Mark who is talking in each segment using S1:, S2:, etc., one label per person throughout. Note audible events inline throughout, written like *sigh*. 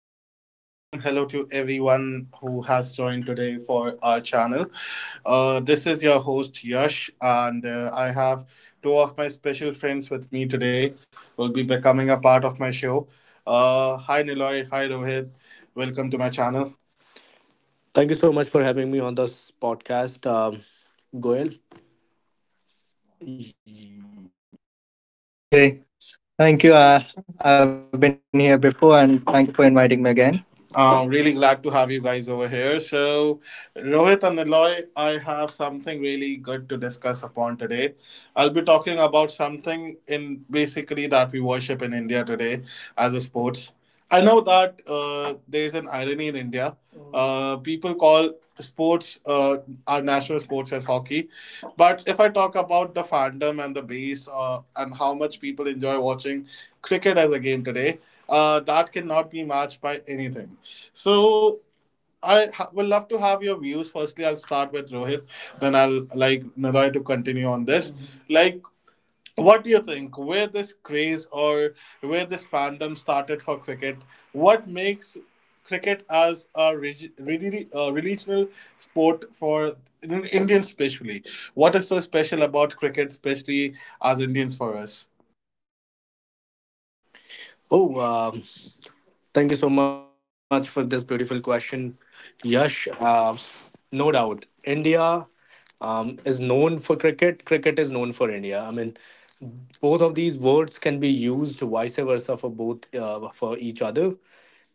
S1: and a warm hello to everyone who has joined today for our channel. This is your host Yash, and I have two of my special friends with me today who will be becoming a part of my show. Hi Niloy, hi Rohit, welcome to my channel.
S2: Thank you so much for having me on this podcast, Goel.
S3: Okay. Thank you. I've been here before, and thank you for inviting me again.
S1: I'm really glad to have you guys over here. So, Rohit and Niloy, I have something really good to discuss upon today. I'll be talking about something in basically that we worship in India today as a sports. I know that there's an irony in India. People call sports our national sports as hockey, but if I talk about the fandom and the base and how much people enjoy watching cricket as a game today, that cannot be matched by anything. So would love to have your views. Firstly, I'll start with Rohit, then I'll like Nadoy to continue on this. Mhm. Like, what do you think? Where this craze or where this fandom started for cricket? What makes cricket as a really regional sport for Indians, especially? What is so special about cricket, especially as Indians for us?
S2: Oh, thank you so much for this beautiful question, Yash. No doubt, India is known for cricket. Cricket is known for India. I mean, both of these words can be used vice versa for both, for each other.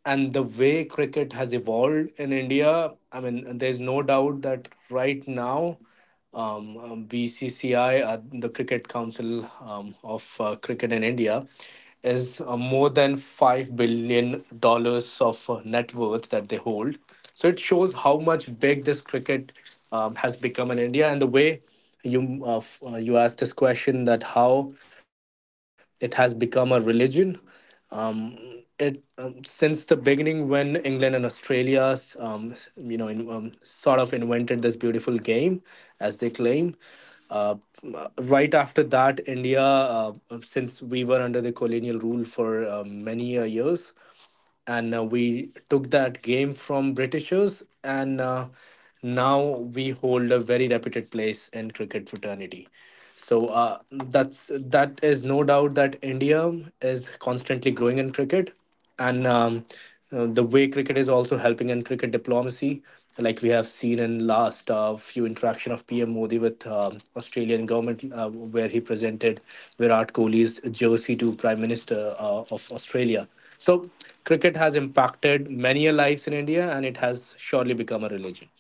S2: And the way cricket has evolved in India, I mean, there's no doubt that right now, BCCI, the Cricket Council of Cricket in India, is more than $5 billion of net worth that they hold. So it shows how much big this cricket has become in India, and the way you asked this question that how it has become a religion, it since the beginning when England and Australia, sort of invented this beautiful game, as they claim. Uh, right after that, India, since we were under the colonial rule for many years, and we took that game from Britishers, and now we hold a very reputed place in cricket fraternity. So that is no doubt that India is constantly growing in cricket, and the way cricket is also helping in cricket diplomacy, like we have seen in last few interaction of PM Modi with Australian government, where he presented Virat Kohli's jersey to Prime Minister of Australia. So cricket has impacted many lives in India, and it has surely become a religion.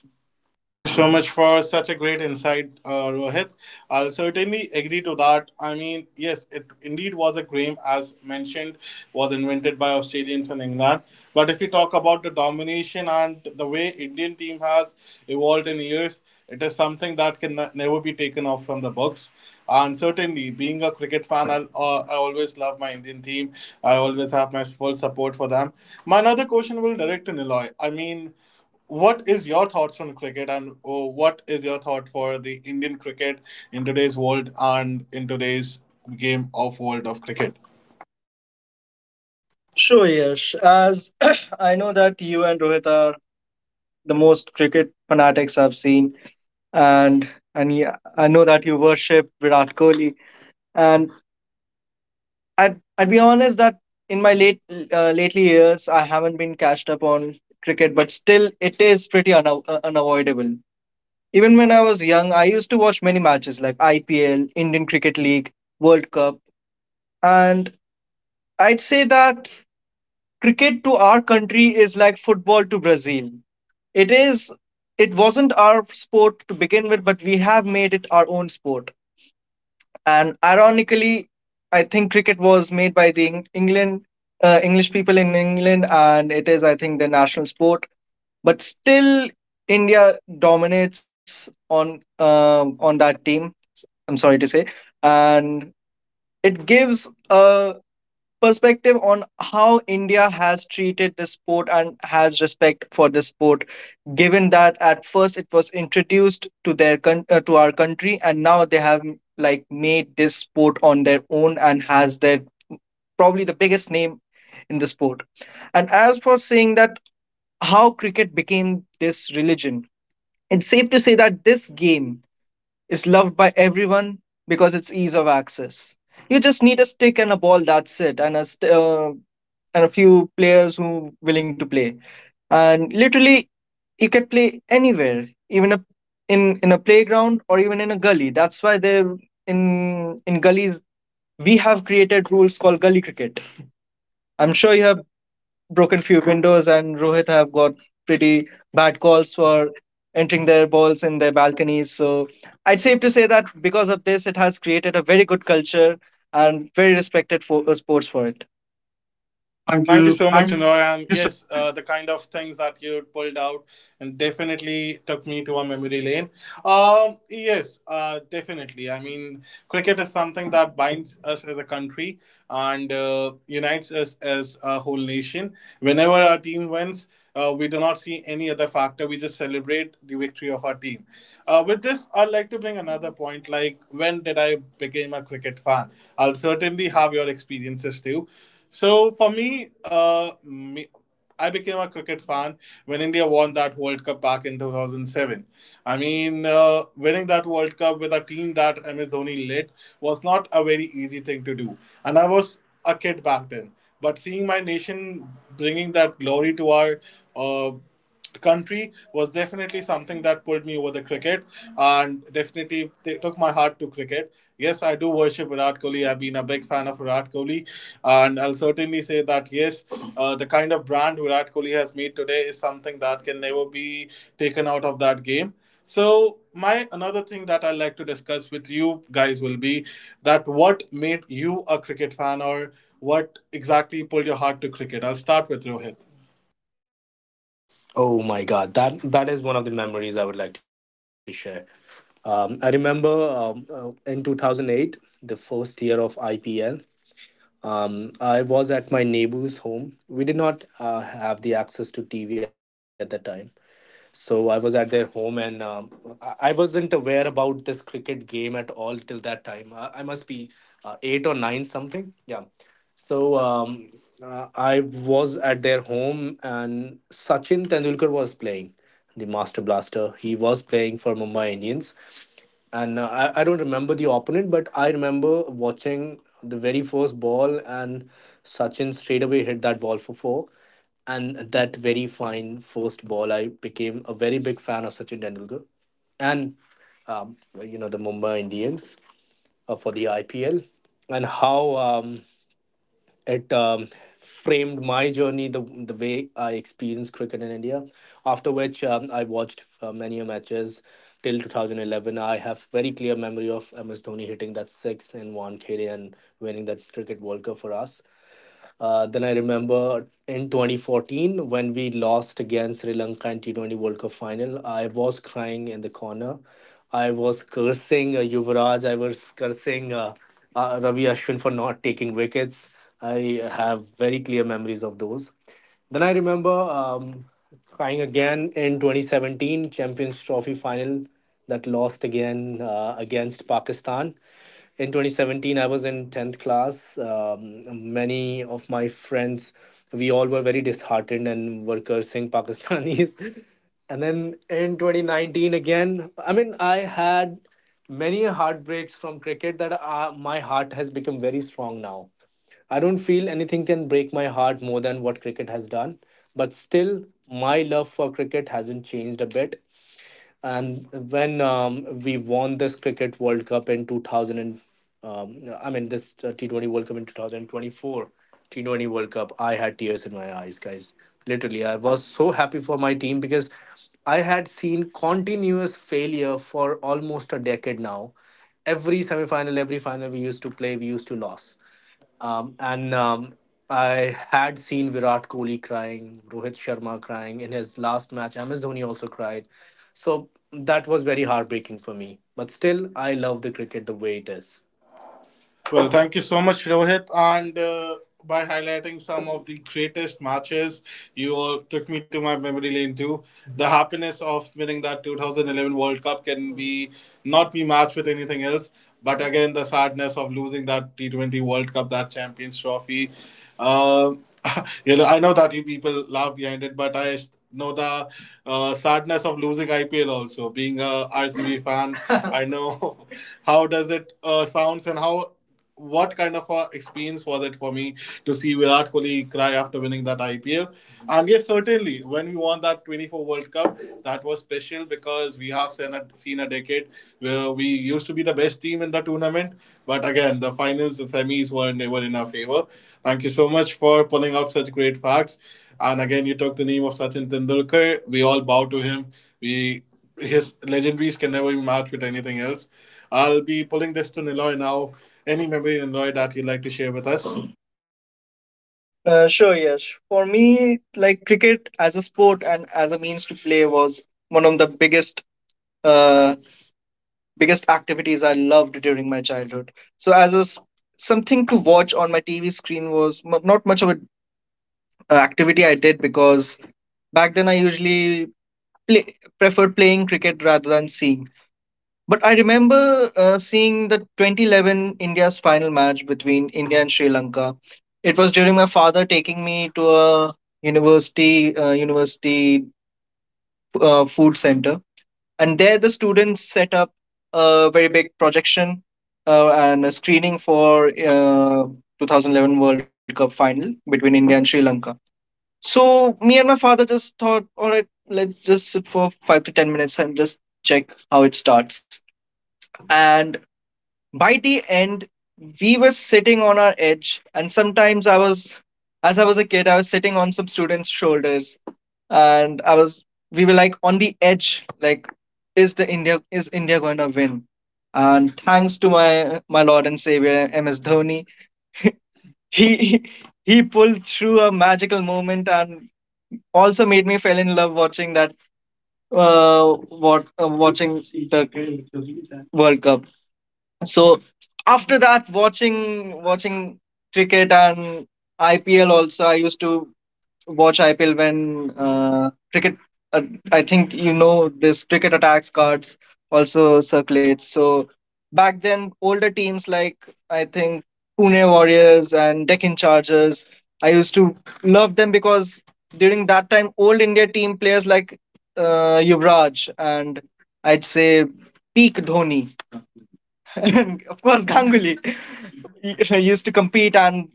S1: Thank you so much for such a great insight, Rohit. I'll certainly agree to that. I mean, yes, it indeed was a game, as mentioned, was invented by Australians in England. But if you talk about the domination and the way Indian team has evolved in years, it is something that can never be taken off from the books. And certainly, being a cricket fan, I always love my Indian team. I always have my full support for them. My another question will direct to Niloy. I mean, what is your thoughts on cricket, and oh, what is your thought for the Indian cricket in today's world and in today's game of world of cricket?
S3: Sure, Yash. As *clears throat* I know that you and Rohit are the most cricket fanatics I've seen, and and yeah, I know that you worship Virat Kohli. And I'd be honest that in my late lately years, I haven't been catched up on cricket, but still, it is pretty unavoidable. Even when I was young, I used to watch many matches like IPL, Indian Cricket League, World Cup, and I'd say that cricket to our country is like football to Brazil. It is it wasn't our sport to begin with, but we have made it our own sport. And ironically, I think cricket was made by the England English people in England, and it is, I think, the national sport. But still, India dominates on that team, I'm sorry to say. And it gives a perspective on how India has treated this sport and has respect for this sport, given that at first it was introduced to their to our country, and now they have like made this sport on their own and has their probably the biggest name in the sport. And as for saying that how cricket became this religion, it's safe to say that this game is loved by everyone because it's ease of access. You just need a stick and a ball, that's it, and and a few players who willing to play, and literally you can play anywhere, even in a playground or even in a gully. That's why they in gullies we have created rules called gully cricket. I'm sure you have broken few windows, and Rohit have got pretty bad calls for entering their balls in their balconies. So I'd safe to say that because of this, it has created a very good culture and very respected sports for it. Thank
S1: Thank you
S3: you.
S1: so
S3: Thank
S1: much,
S3: you.
S1: Noy. And yes, the kind of things that you pulled out and definitely took me to a memory lane. Yes, definitely. I mean, cricket is something that binds us as a country and unites us as a whole nation. Whenever our team wins, we do not see any other factor. We just celebrate the victory of our team. With this, I'd like to bring another point. Like, when did I become a cricket fan? I'll certainly have your experiences too. So for me, I became a cricket fan when India won that World Cup back in 2007. I mean, winning that World Cup with a team that MS Dhoni led was not a very easy thing to do, and I was a kid back then. But seeing my nation bringing that glory to our uh, country was definitely something that pulled me over the cricket and definitely they took my heart to cricket. Yes, I do worship Virat Kohli. I've been a big fan of Virat Kohli, and I'll certainly say that yes, the kind of brand Virat Kohli has made today is something that can never be taken out of that game. So, my another thing that I'd like to discuss with you guys will be that what made you a cricket fan or what exactly pulled your heart to cricket. I'll start with Rohit.
S2: Oh my God, that is one of the memories I would like to share. I remember in 2008, the first year of IPL. I was at my neighbor's home. We did not have the access to TV at the time. So I was at their home, and I wasn't aware about this cricket game at all till that time. I must be eight or nine something. Yeah. So I was at their home, and Sachin Tendulkar was playing the Master Blaster. He was playing for Mumbai Indians, and I don't remember the opponent, but I remember watching the very first ball, and Sachin straight away hit that ball for four. And that very fine first ball, I became a very big fan of Sachin Tendulkar and, the Mumbai Indians for the IPL. And how, it framed my journey, the way I experienced cricket in India. After which, I watched many a matches till 2011. I have very clear memory of MS Dhoni hitting that six in one KD and winning that cricket World Cup for us. Then I remember in 2014 when we lost against Sri Lanka in T20 World Cup final, I was crying in the corner. I was cursing Yuvraj. I was cursing Ravi Ashwin for not taking wickets. I have very clear memories of those. Then I remember crying again in 2017 Champions Trophy final that lost again against Pakistan. In 2017 I was in 10th class, many of my friends, we all were very disheartened and were cursing Pakistanis. *laughs* And then in 2019 again, I mean, I had many heartbreaks from cricket, that my heart has become very strong now. I don't feel anything can break my heart more than what cricket has done. But still, my love for cricket hasn't changed a bit. And when we won this cricket World Cup in 2000 and, um, I mean, this T20 World Cup in 2024. T20 World Cup, I had tears in my eyes, guys. Literally, I was so happy for my team because I had seen continuous failure for almost a decade now. Every semifinal, every final we used to play, we used to lose. And I had seen Virat Kohli crying, Rohit Sharma crying in his last match. MS Dhoni also cried. So that was very heartbreaking for me. But still, I love the cricket the way it is.
S1: Well, thank you so much, Rohit. And by highlighting some of the greatest matches, you all took me to my memory lane too. The happiness of winning that 2011 World Cup can be not be matched with anything else. But again, the sadness of losing that T20 World Cup, that Champions Trophy. Um *laughs* you know, I know that you people laugh behind it, but know the sadness of losing IPL also. Being a RCB fan, *laughs* I know *laughs* how does it sounds and how what kind of a experience was it for me to see Virat Kohli cry after winning that IPL? And yes, certainly, when we won that 24 World Cup, that was special because we have seen seen a decade where we used to be the best team in the tournament. But again, the finals, the semis were never in our favor. Thank you so much for pulling out such great facts. And again, you took the name of Sachin Tendulkar. We all bow to him. We His legendaries can never be matched with anything else. I'll be pulling this to Niloy now. Any memory, Niloy, that you'd like to share with us?
S3: Sure, yes. For me, like cricket as a sport and as a means to play was one of the biggest, uh, biggest activities I loved during my childhood. So as something to watch on my TV screen was not much of an activity I did, because back then I usually preferred playing cricket rather than seeing. But I remember seeing the 2011 India's final match between India and Sri Lanka. It was during my father taking me to a university food center, and there the students set up a very big projection and a screening for 2011 World Cup final between India and Sri Lanka. So me and my father just thought, all right, let's just sit for 5 to 10 minutes and just check how it starts. And by the end, we were sitting on our edge, and sometimes I was, as I was a kid, I was sitting on some students' shoulders, and I was, we were like on the edge, like, is the India is India going to win? And thanks to my Lord and Savior MS Dhoni, he *laughs* he pulled through a magical moment and also made me fell in love watching that what watching the World Cup. So after that, watching cricket and IPL also, I used to watch IPL when cricket. Uh, I think you know this cricket attacks cards also circulates. So back then, older teams like I think Pune Warriors and Deccan Chargers, I used to love them because during that time, old India team players like Yuvraj and I'd say peak Dhoni, *laughs* and of course Ganguly, he used to compete and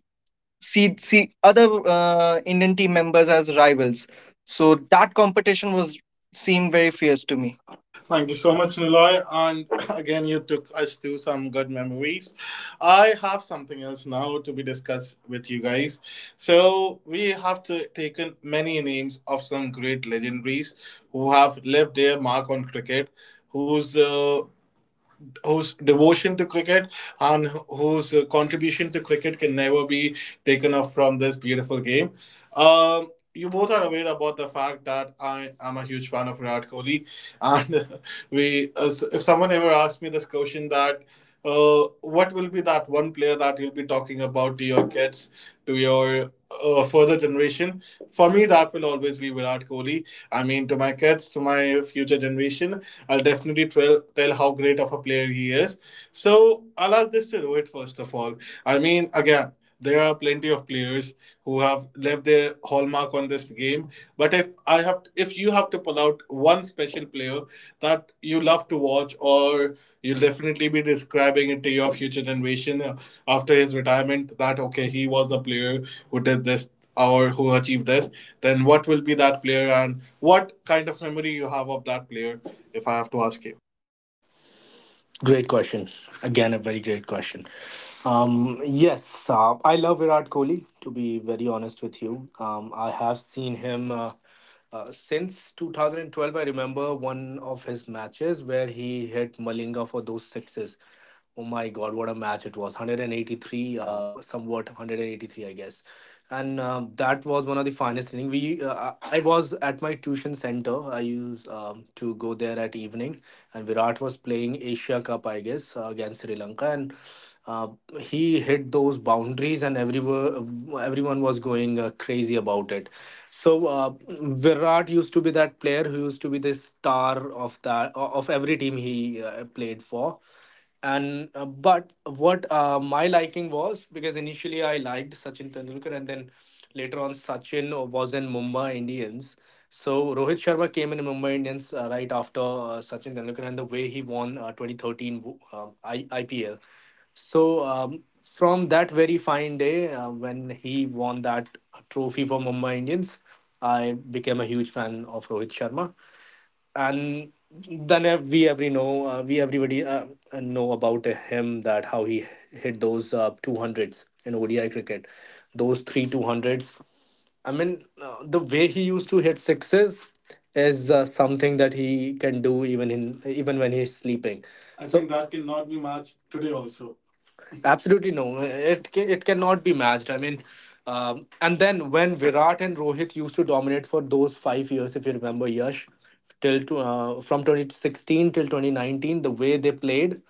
S3: see other Indian team members as rivals. So that competition was seemed very fierce to me.
S1: Thank you so much, Niloy. And *clears throat* again, you took us to some good memories. I have something else now to be discussed with you guys. So, we have to taken many names of some great legendaries who have left their mark on cricket, whose whose devotion to cricket and whose contribution to cricket can never be taken off from this beautiful game. You both are aware about the fact that I am a huge fan of Virat Kohli, and *laughs* if someone ever asks me this question that, what will be that one player that you'll be talking about to your kids, to your further generation? For me, that will always be Virat Kohli. I mean, to my kids, to my future generation, I'll definitely tell how great of a player he is. So I'll ask this to Rohit first of all. I mean, again, there are plenty of players who have left their hallmark on this game. But if you have to pull out one special player that you love to watch, or you'll definitely be describing it to your future generation after his retirement, that okay, he was a player who did this or who achieved this, then what will be that player and what kind of memory you have of that player, if I have to ask you?
S2: Great question. Again, a very great question. Yes, I love Virat Kohli, to be very honest with you. I have seen him since 2012. I remember one of his matches where he hit Malinga for those sixes. Oh my God, what a match it was. 183, somewhat 183, I guess. And that was one of the finest innings. We, I was at my tuition center. I used to go there at evening, and Virat was playing Asia Cup, I guess, against Sri Lanka, and uh, he hit those boundaries, and everyone, everyone was going crazy about it. So Virat used to be that player who used to be the star of that, of every team he played for. And uh, but what my liking was because initially I liked Sachin Tendulkar, and then later on Sachin was in Mumbai Indians. So Rohit Sharma came in Mumbai Indians right after Sachin Tendulkar, and the way he won 2013 IPL. So from that very fine day when he won that trophy for Mumbai Indians, I became a huge fan of Rohit Sharma. And then we everybody know about him, that how he hit those 200s in ODI cricket, those three 200s. I mean, the way he used to hit sixes is something that he can do even in even when he's sleeping. I so think that cannot be matched today also. Absolutely no. It cannot be matched. I mean, and then when Virat and Rohit used to dominate for those 5 years, if you remember, Yash, from 2016 till 2019, the way they played,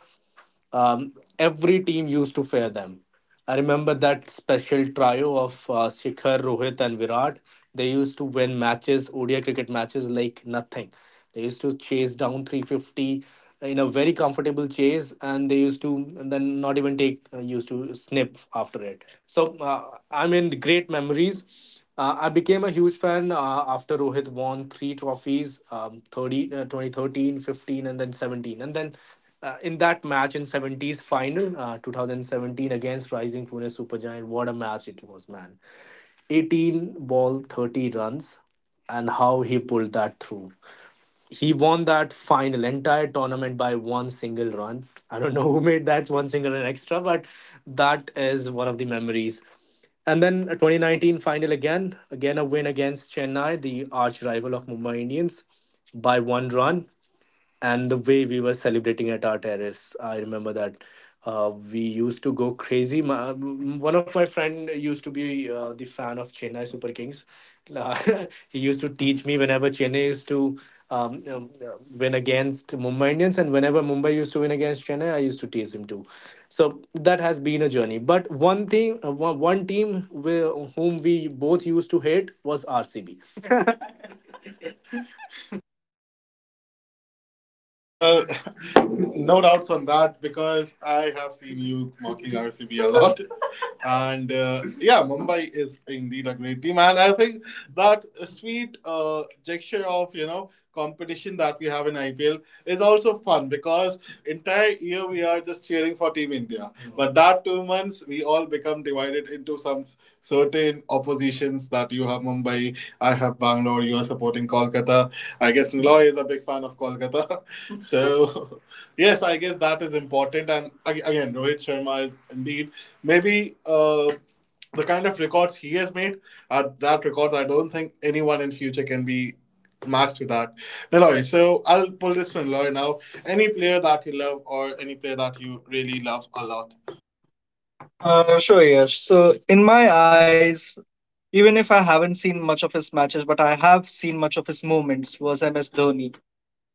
S2: every team used to fear them. I remember that special trio of Shikhar, Rohit, and Virat. They used to win matches, ODI cricket matches, like nothing. They used to chase down 350 in a very comfortable chase, and they used to, and then not even take used to snip after it. So I mean, great memories. I became a huge fan after Rohit won three trophies, 2013, and then 17. And then in that match in 70s final, 2017 against Rising Pune Supergiant, what a match it was, man. 18 ball, 30 runs, and how he pulled that through. He won that final entire tournament by one single run. I don't know *laughs* who made that one single run extra, but that is one of the memories. And then a 2019 final again, again a win against Chennai, the arch rival of Mumbai Indians, by one run. And the way we were celebrating at our terrace, I remember that we used to go crazy. One of my friend used to be the fan of Chennai Super Kings. Uh, *laughs* he used to teach me whenever Chennai used to um, um, uh, win against Mumbai Indians, and whenever Mumbai used to win against Chennai, I used to tease him too. So that has been a journey. But one thing, one team whom we both used to hate was RCB.
S1: Well, *laughs* no doubts on that because I have seen you mocking RCB a lot. *laughs* And yeah, Mumbai is indeed a great team. And I think that sweet gesture of, you know, competition that we have in IPL is also fun because entire year we are just cheering for Team India. But that 2 months, we all become divided into some certain oppositions that you have Mumbai, I have Bangalore, you are supporting Kolkata. I guess Niloy is a big fan of Kolkata. *laughs* So, *laughs* yes, I guess that is important. And again, Rohit Sharma is indeed maybe. The kind of records he has made are that records I don't think anyone in future can be matched to that. Niloy, so I'll pull this to Niloy now. Any player that you love or any player that you really love a lot?
S3: A lot. Sure, Yash. So in my eyes, even if I haven't seen much of his matches, but I have seen much of his moments was MS Dhoni.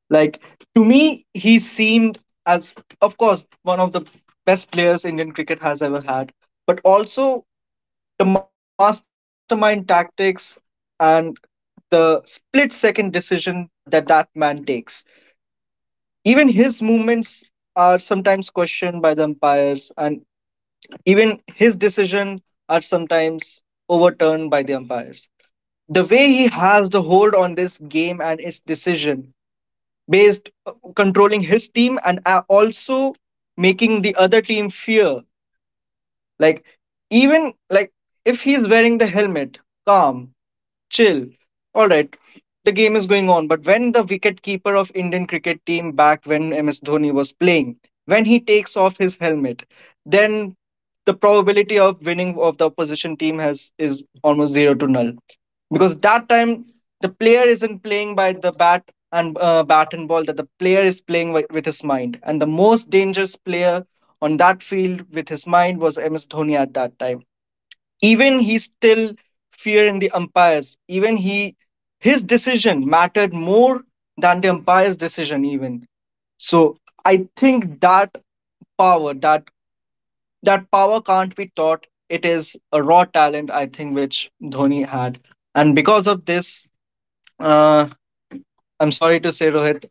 S3: Like, to me, he seemed as, of course, one of the best players Indian cricket has ever had, but also the mastermind tactics and the split second decision that man takes. Even his movements are sometimes questioned by the umpires, and even his decision are sometimes overturned by the umpires. The way he has the hold on this game and its decision, based controlling his team and also making the other team fear. Like, even like, if he's wearing the helmet, calm, chill. All right, the game is going on, but when the wicketkeeper of Indian cricket team back when MS Dhoni was playing, when he takes off his helmet, then the probability of winning of the opposition team has is almost zero to null, because that time the player isn't playing by the bat and ball, that the player is playing with his mind. And the most dangerous player on that field with his mind was MS Dhoni at that time. Even he still feared in the umpires. Even he, his decision mattered more than the umpire's decision even. So I think that power, that power can't be taught. It is a raw talent, I think, which Dhoni had. And because of this, uh, I'm sorry to say, Rohit,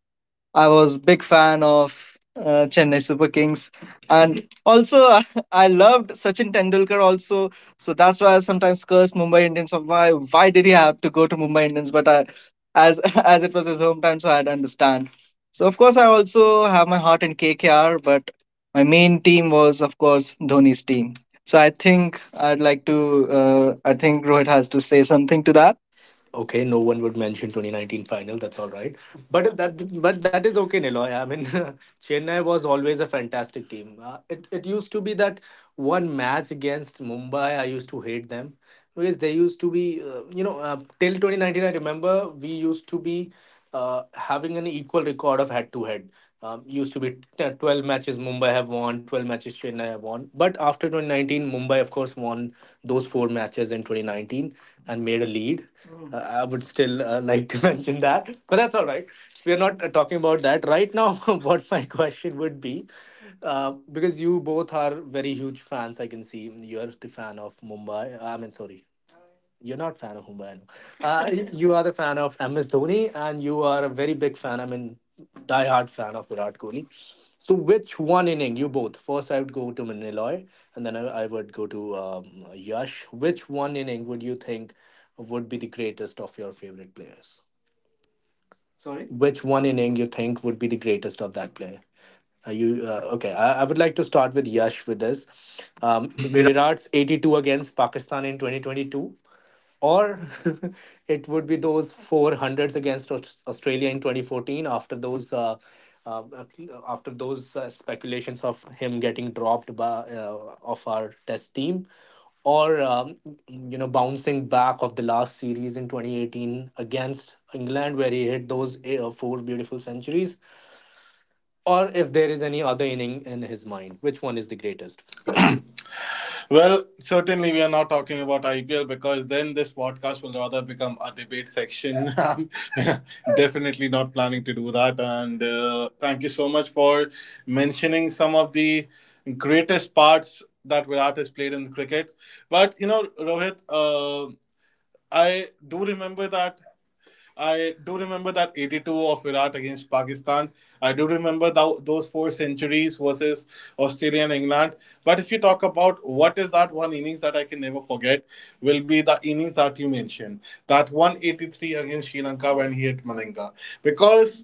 S3: I was big fan of Chennai Super Kings, and also *laughs* I loved Sachin Tendulkar also. So that's why I sometimes curse Mumbai Indians of why did he have to go to Mumbai Indians? But I, as *laughs* as it was his hometown, so I'd understand. So of course I also have my heart in KKR, but my main team was of course Dhoni's team. So I think I'd like to. I think Rohit has to say something to that.
S2: Okay, no one would mention 2019 final. That's all right, but that is okay, Niloy. I mean, *laughs* Chennai was always a fantastic team. It used to be that one match against Mumbai, I used to hate them because they used to be, till 2019. I remember we used to be having an equal record of head to head. Used to be 12 matches Mumbai have won, 12 matches Chennai have won. But after 2019, Mumbai, of course, won those four matches in 2019 and made a lead. Mm. I would still like to *laughs* mention that, but that's all right. We are not talking about that right now. *laughs* What my question would be, because you both are very huge fans, I can see you are the fan of Mumbai. I mean, sorry, you're not fan of Humbaino. *laughs* You are the fan of MS Dhoni, and you are a very big fan. I mean, diehard fan of Virat Kohli. So, which one inning? You both. First, I would go to Maniloy, and then I would go to Yash. Which one inning would you think would be the greatest of your favorite players? Sorry? Which one inning you think would be the greatest of that player? Are you okay? I would like to start with Yash with this.
S1: We
S2: Virat's 82 against Pakistan in 2022, or *laughs* it would be those four hundreds against Australia in 2014 after those uh, after those speculations of him getting dropped by of our test team, or bouncing back of the last series in 2018 against England where he hit those four beautiful centuries, or if there is any other inning in his mind which one is the greatest. Yeah.
S1: Well, certainly we are not talking about IPL because then this podcast will rather become a debate section. *laughs* I'm definitely not planning to do that. And thank you so much for mentioning some of the greatest parts that Virat has played in cricket. But you know, Rohit, I do remember that I do remember that 82 of Virat against Pakistan. I do remember thou those four centuries versus Australia and England. But if you talk about what is that one innings that I can never forget, will be the innings that you mentioned. That 183 against Sri Lanka when he hit Malinga. Because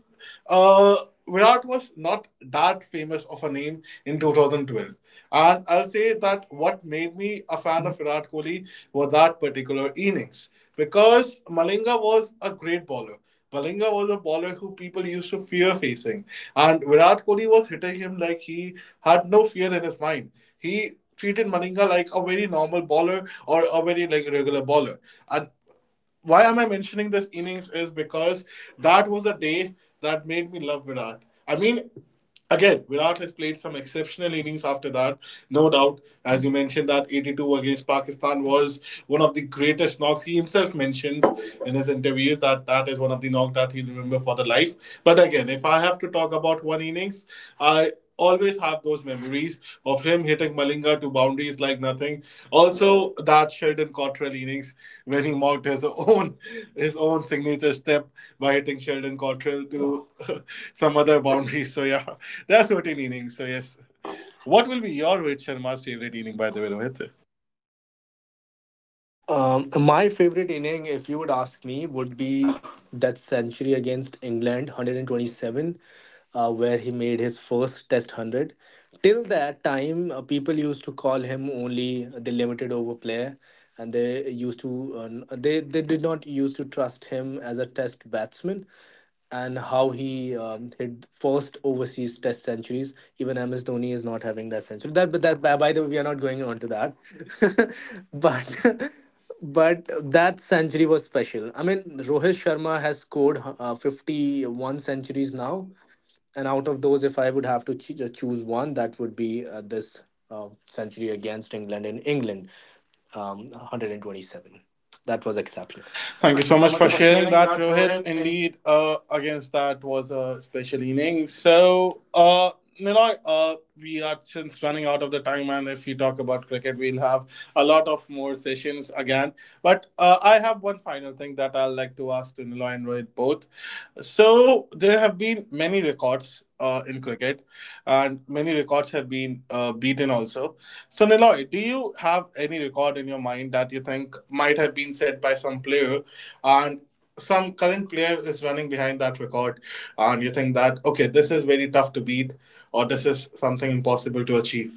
S1: Virat was not that famous of a name in 2012. And I'll say that what made me a fan of Virat Kohli was that particular innings. Because Malinga was a great bowler. Malinga was a bowler who people used to fear facing. And Virat Kohli was hitting him like he had no fear in his mind. He treated Malinga like a very normal bowler or a very like regular bowler. And why am I mentioning this innings is because that was a day that made me love Virat. I mean, again, Virat has played some exceptional innings after that. No doubt, as you mentioned, that 82 against Pakistan was one of the greatest knocks. He himself mentions in his interviews that that is one of the knocks that he'll remember for the life. But again, if I have to talk about one innings, I always have those memories of him hitting Malinga to boundaries like nothing. Also, that Sheldon Cottrell innings when he mocked his own signature step by hitting Sheldon Cottrell to *laughs* some other boundaries. So yeah. There are certain innings, so yes. What will be your Rohit Sharma's favorite inning, by the way, Rohit?
S2: My favorite inning, if you would ask me, would be that century against England, 127, where he made his first Test 100. Till that time, people used to call him only the limited over player, and they used to they did not used to trust him as a Test batsman. And how he hit first overseas Test centuries. Even MS Dhoni is not having that century. That, but that by the way, we are not going on to that. *laughs* but *laughs* But that century was special. I mean, Rohit Sharma has scored 51 centuries now. And out of those, if I would have to choose one, that would be this century against England in England, 127. That was exceptional.
S1: Thank you
S2: Thank you
S1: so
S2: so
S1: much
S2: much
S1: for
S2: for
S1: sharing
S2: sharing
S1: that,
S2: that,
S1: Rohit.
S2: Rohit.
S1: Indeed, against that was a special inning. So, Niloy, we are since running out of the time, and if we talk about cricket, we'll have a lot of more sessions again. But I have one final thing that I'd like to ask to Niloy and Rohit both. So there have been many records in cricket, and many records have been beaten also. So Niloy, do you have any record in your mind that you think might have been set by some player, and some current player is running behind that record, and you think that okay, this is very tough to beat, or this is something impossible to achieve?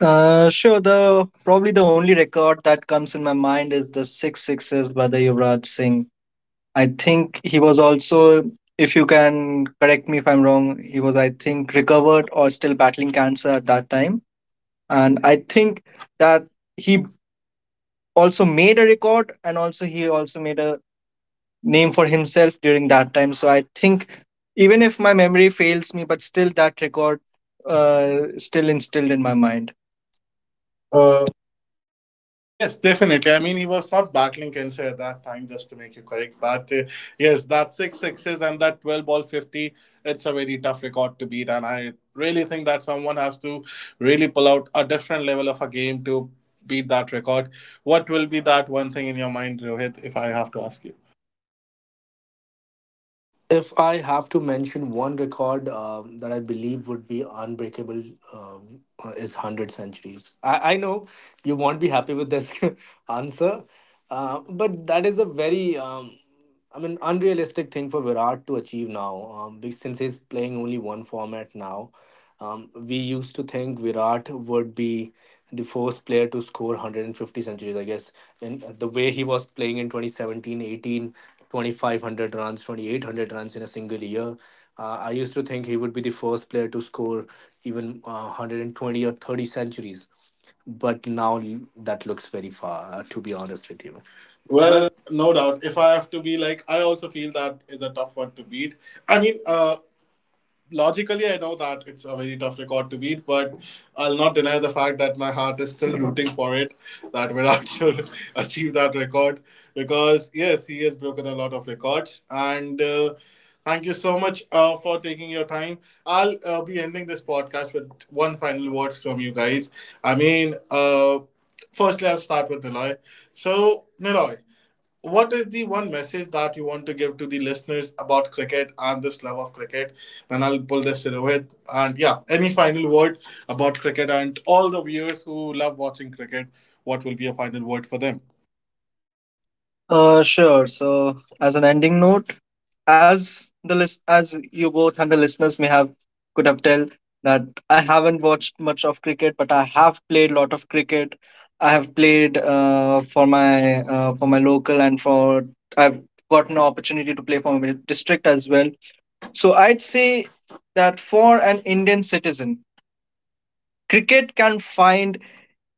S3: Sure. The probably the only record that comes in my mind is the six sixes by the Yuvraj Singh. I think he was also, if you can correct me if I'm wrong, he was I think recovered or still battling cancer at that time, and I think that he also made a record, and also he also made a name for himself during that time. So I think even if my memory fails me, but still that record still instilled in my mind.
S1: Yes, definitely. I mean, he was not battling cancer at that time, just to make you correct. But Yes, that six sixes and that 12 ball 50, it's a very tough record to beat. And I really think that someone has to really pull out a different level of a game to beat that record. What will be that one thing in your mind, Rohit, if I have to ask you?
S2: If I have to mention one record that I believe would be unbreakable is 100 centuries. I know you won't be happy with this *laughs* answer, but that is a very, I mean, unrealistic thing for Virat to achieve now, since he's playing only one format now. We used to think Virat would be the first player to score 150 centuries, I guess. And the way he was playing in 2017, 18, 2,500 runs, 2800 runs in a single year, I used to think he would be the first player to score even 120 or 30 centuries. But now that looks very far, to be honest with you. Well.
S1: Well, no doubt. If I have to be like, I also feel that is a tough one to beat. I mean, logically I know that it's a very tough record to beat, but I'll not deny the fact that my heart is still *laughs* rooting for it, that Virat should *laughs* achieve that record, because yes, he has broken a lot of records. And Thank you so much for taking your time. I'll be ending this podcast with one final words from you guys. i mean uh, Firstly, I'll start with Niloy. So Niloy, what is the one message that you want to give to the listeners about cricket and this love of cricket? And I'll pull this to Rohit. And yeah, any final word about cricket and all the viewers who love watching cricket? What will be a final word for them?
S3: Sure. So, as an ending note, as as you both and the listeners may have could have tell that I haven't watched much of cricket, but I have played lot of cricket. I have played for my local, and for I've gotten an opportunity to play for my district as well. So I'd say that for an Indian citizen, cricket can find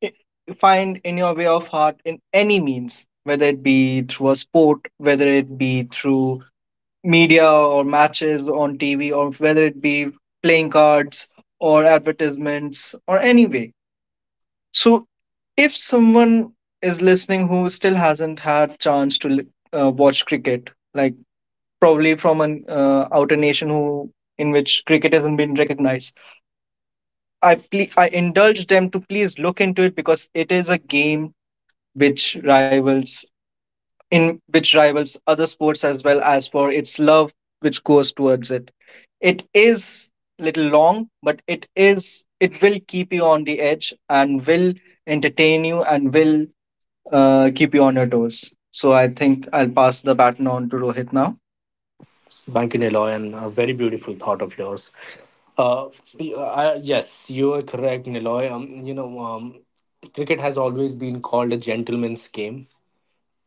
S3: i- find in your way of heart in any means, whether it be through a sport, whether it be through media or matches on TV, or whether it be playing cards or advertisements or any way. So, if someone is listening who still hasn't had chance to watch cricket, like probably from an outer nation who in which cricket hasn't been recognized, I I indulge them to please look into it, because it is a game which rivals, in which rivals other sports as well as for its love which goes towards it. It is little long, but it is it will keep you on the edge and will entertain you and will keep you on your toes. So I think I'll pass the baton on to Rohit now.
S2: Thank you, Niloy, and a very beautiful thought of yours. Uh, yes, you are correct, Niloy. Cricket has always been called a gentleman's game,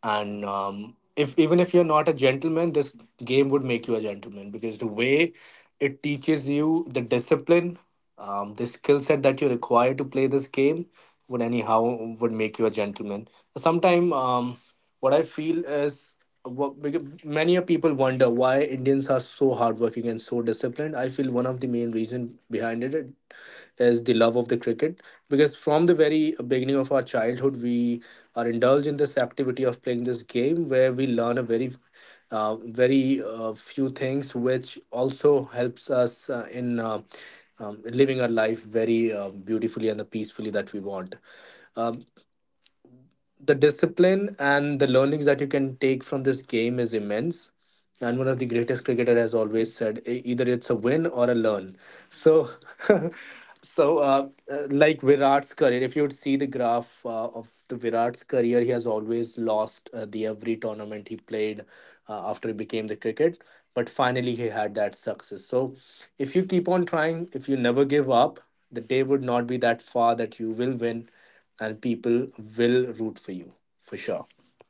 S2: and if even if you're not a gentleman, this game would make you a gentleman because the way it teaches you the discipline, the skill set that you require to play this game would anyhow would make you a gentleman. Sometimes, what I feel is what, because many a people wonder why indians are so hardworking and so disciplined. I feel one of the main reason behind it is the love of the cricket, because from the very beginning of our childhood we are indulged in this activity of playing this game where we learn a very very few things which also helps us in living our life very beautifully and the peacefully that we want. Um, the discipline and the learnings that you can take from this game is immense. And one of the greatest cricketer has always said, Either it's a win or a learn." So, *laughs* so like Virat's career, if you would see the graph of the Virat's career, he has always lost the every tournament he played after he became the cricket. But finally, he had that success. So, if you keep on trying, if you never give up, the day would not be that far that you will win, and people will root for you for sure.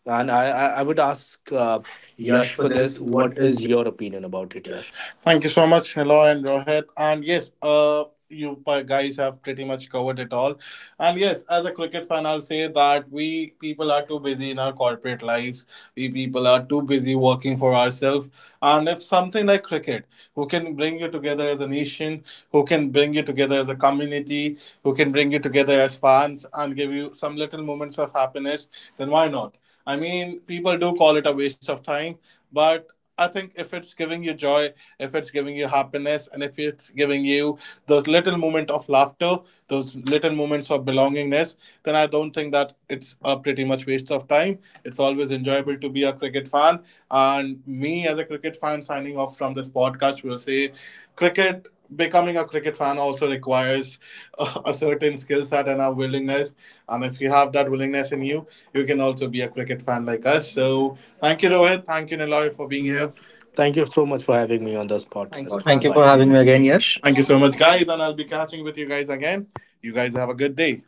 S2: And I would ask
S1: Uh, Yash,
S2: Yash
S1: for
S2: for
S1: this,
S2: this. What
S1: what
S2: is
S1: is
S2: your opinion about it, Yash?
S1: Thank you so much, Hello and Rohit. And yes, you guys have pretty much covered it all. And yes, as a cricket fan, I'll say that we people are too busy in our corporate lives. We people are too busy working for ourselves. And if something like cricket, who can bring you together as a nation, who can bring you together as a community, who can bring you together as fans and give you some little moments of happiness, then why not? I mean, people do call it a waste of time, but I think if it's giving you joy, if it's giving you happiness, and if it's giving you those little moments of laughter, those little moments of belongingness, then I don't think that it's a pretty much waste of time. It's always enjoyable to be a cricket fan. And me as a cricket fan signing off from this podcast will say cricket, becoming a cricket fan also requires a certain skill set and a willingness, and if you have that willingness in you, you can also be a cricket fan like us. So thank you, Rohit, thank you, Niloy, for
S2: For
S1: being
S2: being here.
S1: here. Thank
S2: Thank
S1: you.
S2: you so much for having me on this podcast.
S3: Thank you for having me again,
S1: Thank
S2: Thank
S1: you
S3: Yash.
S2: you
S1: so
S2: so
S1: much,
S2: much, guys.
S1: guys, and I'll be catching with you guys again. You guys have a good day.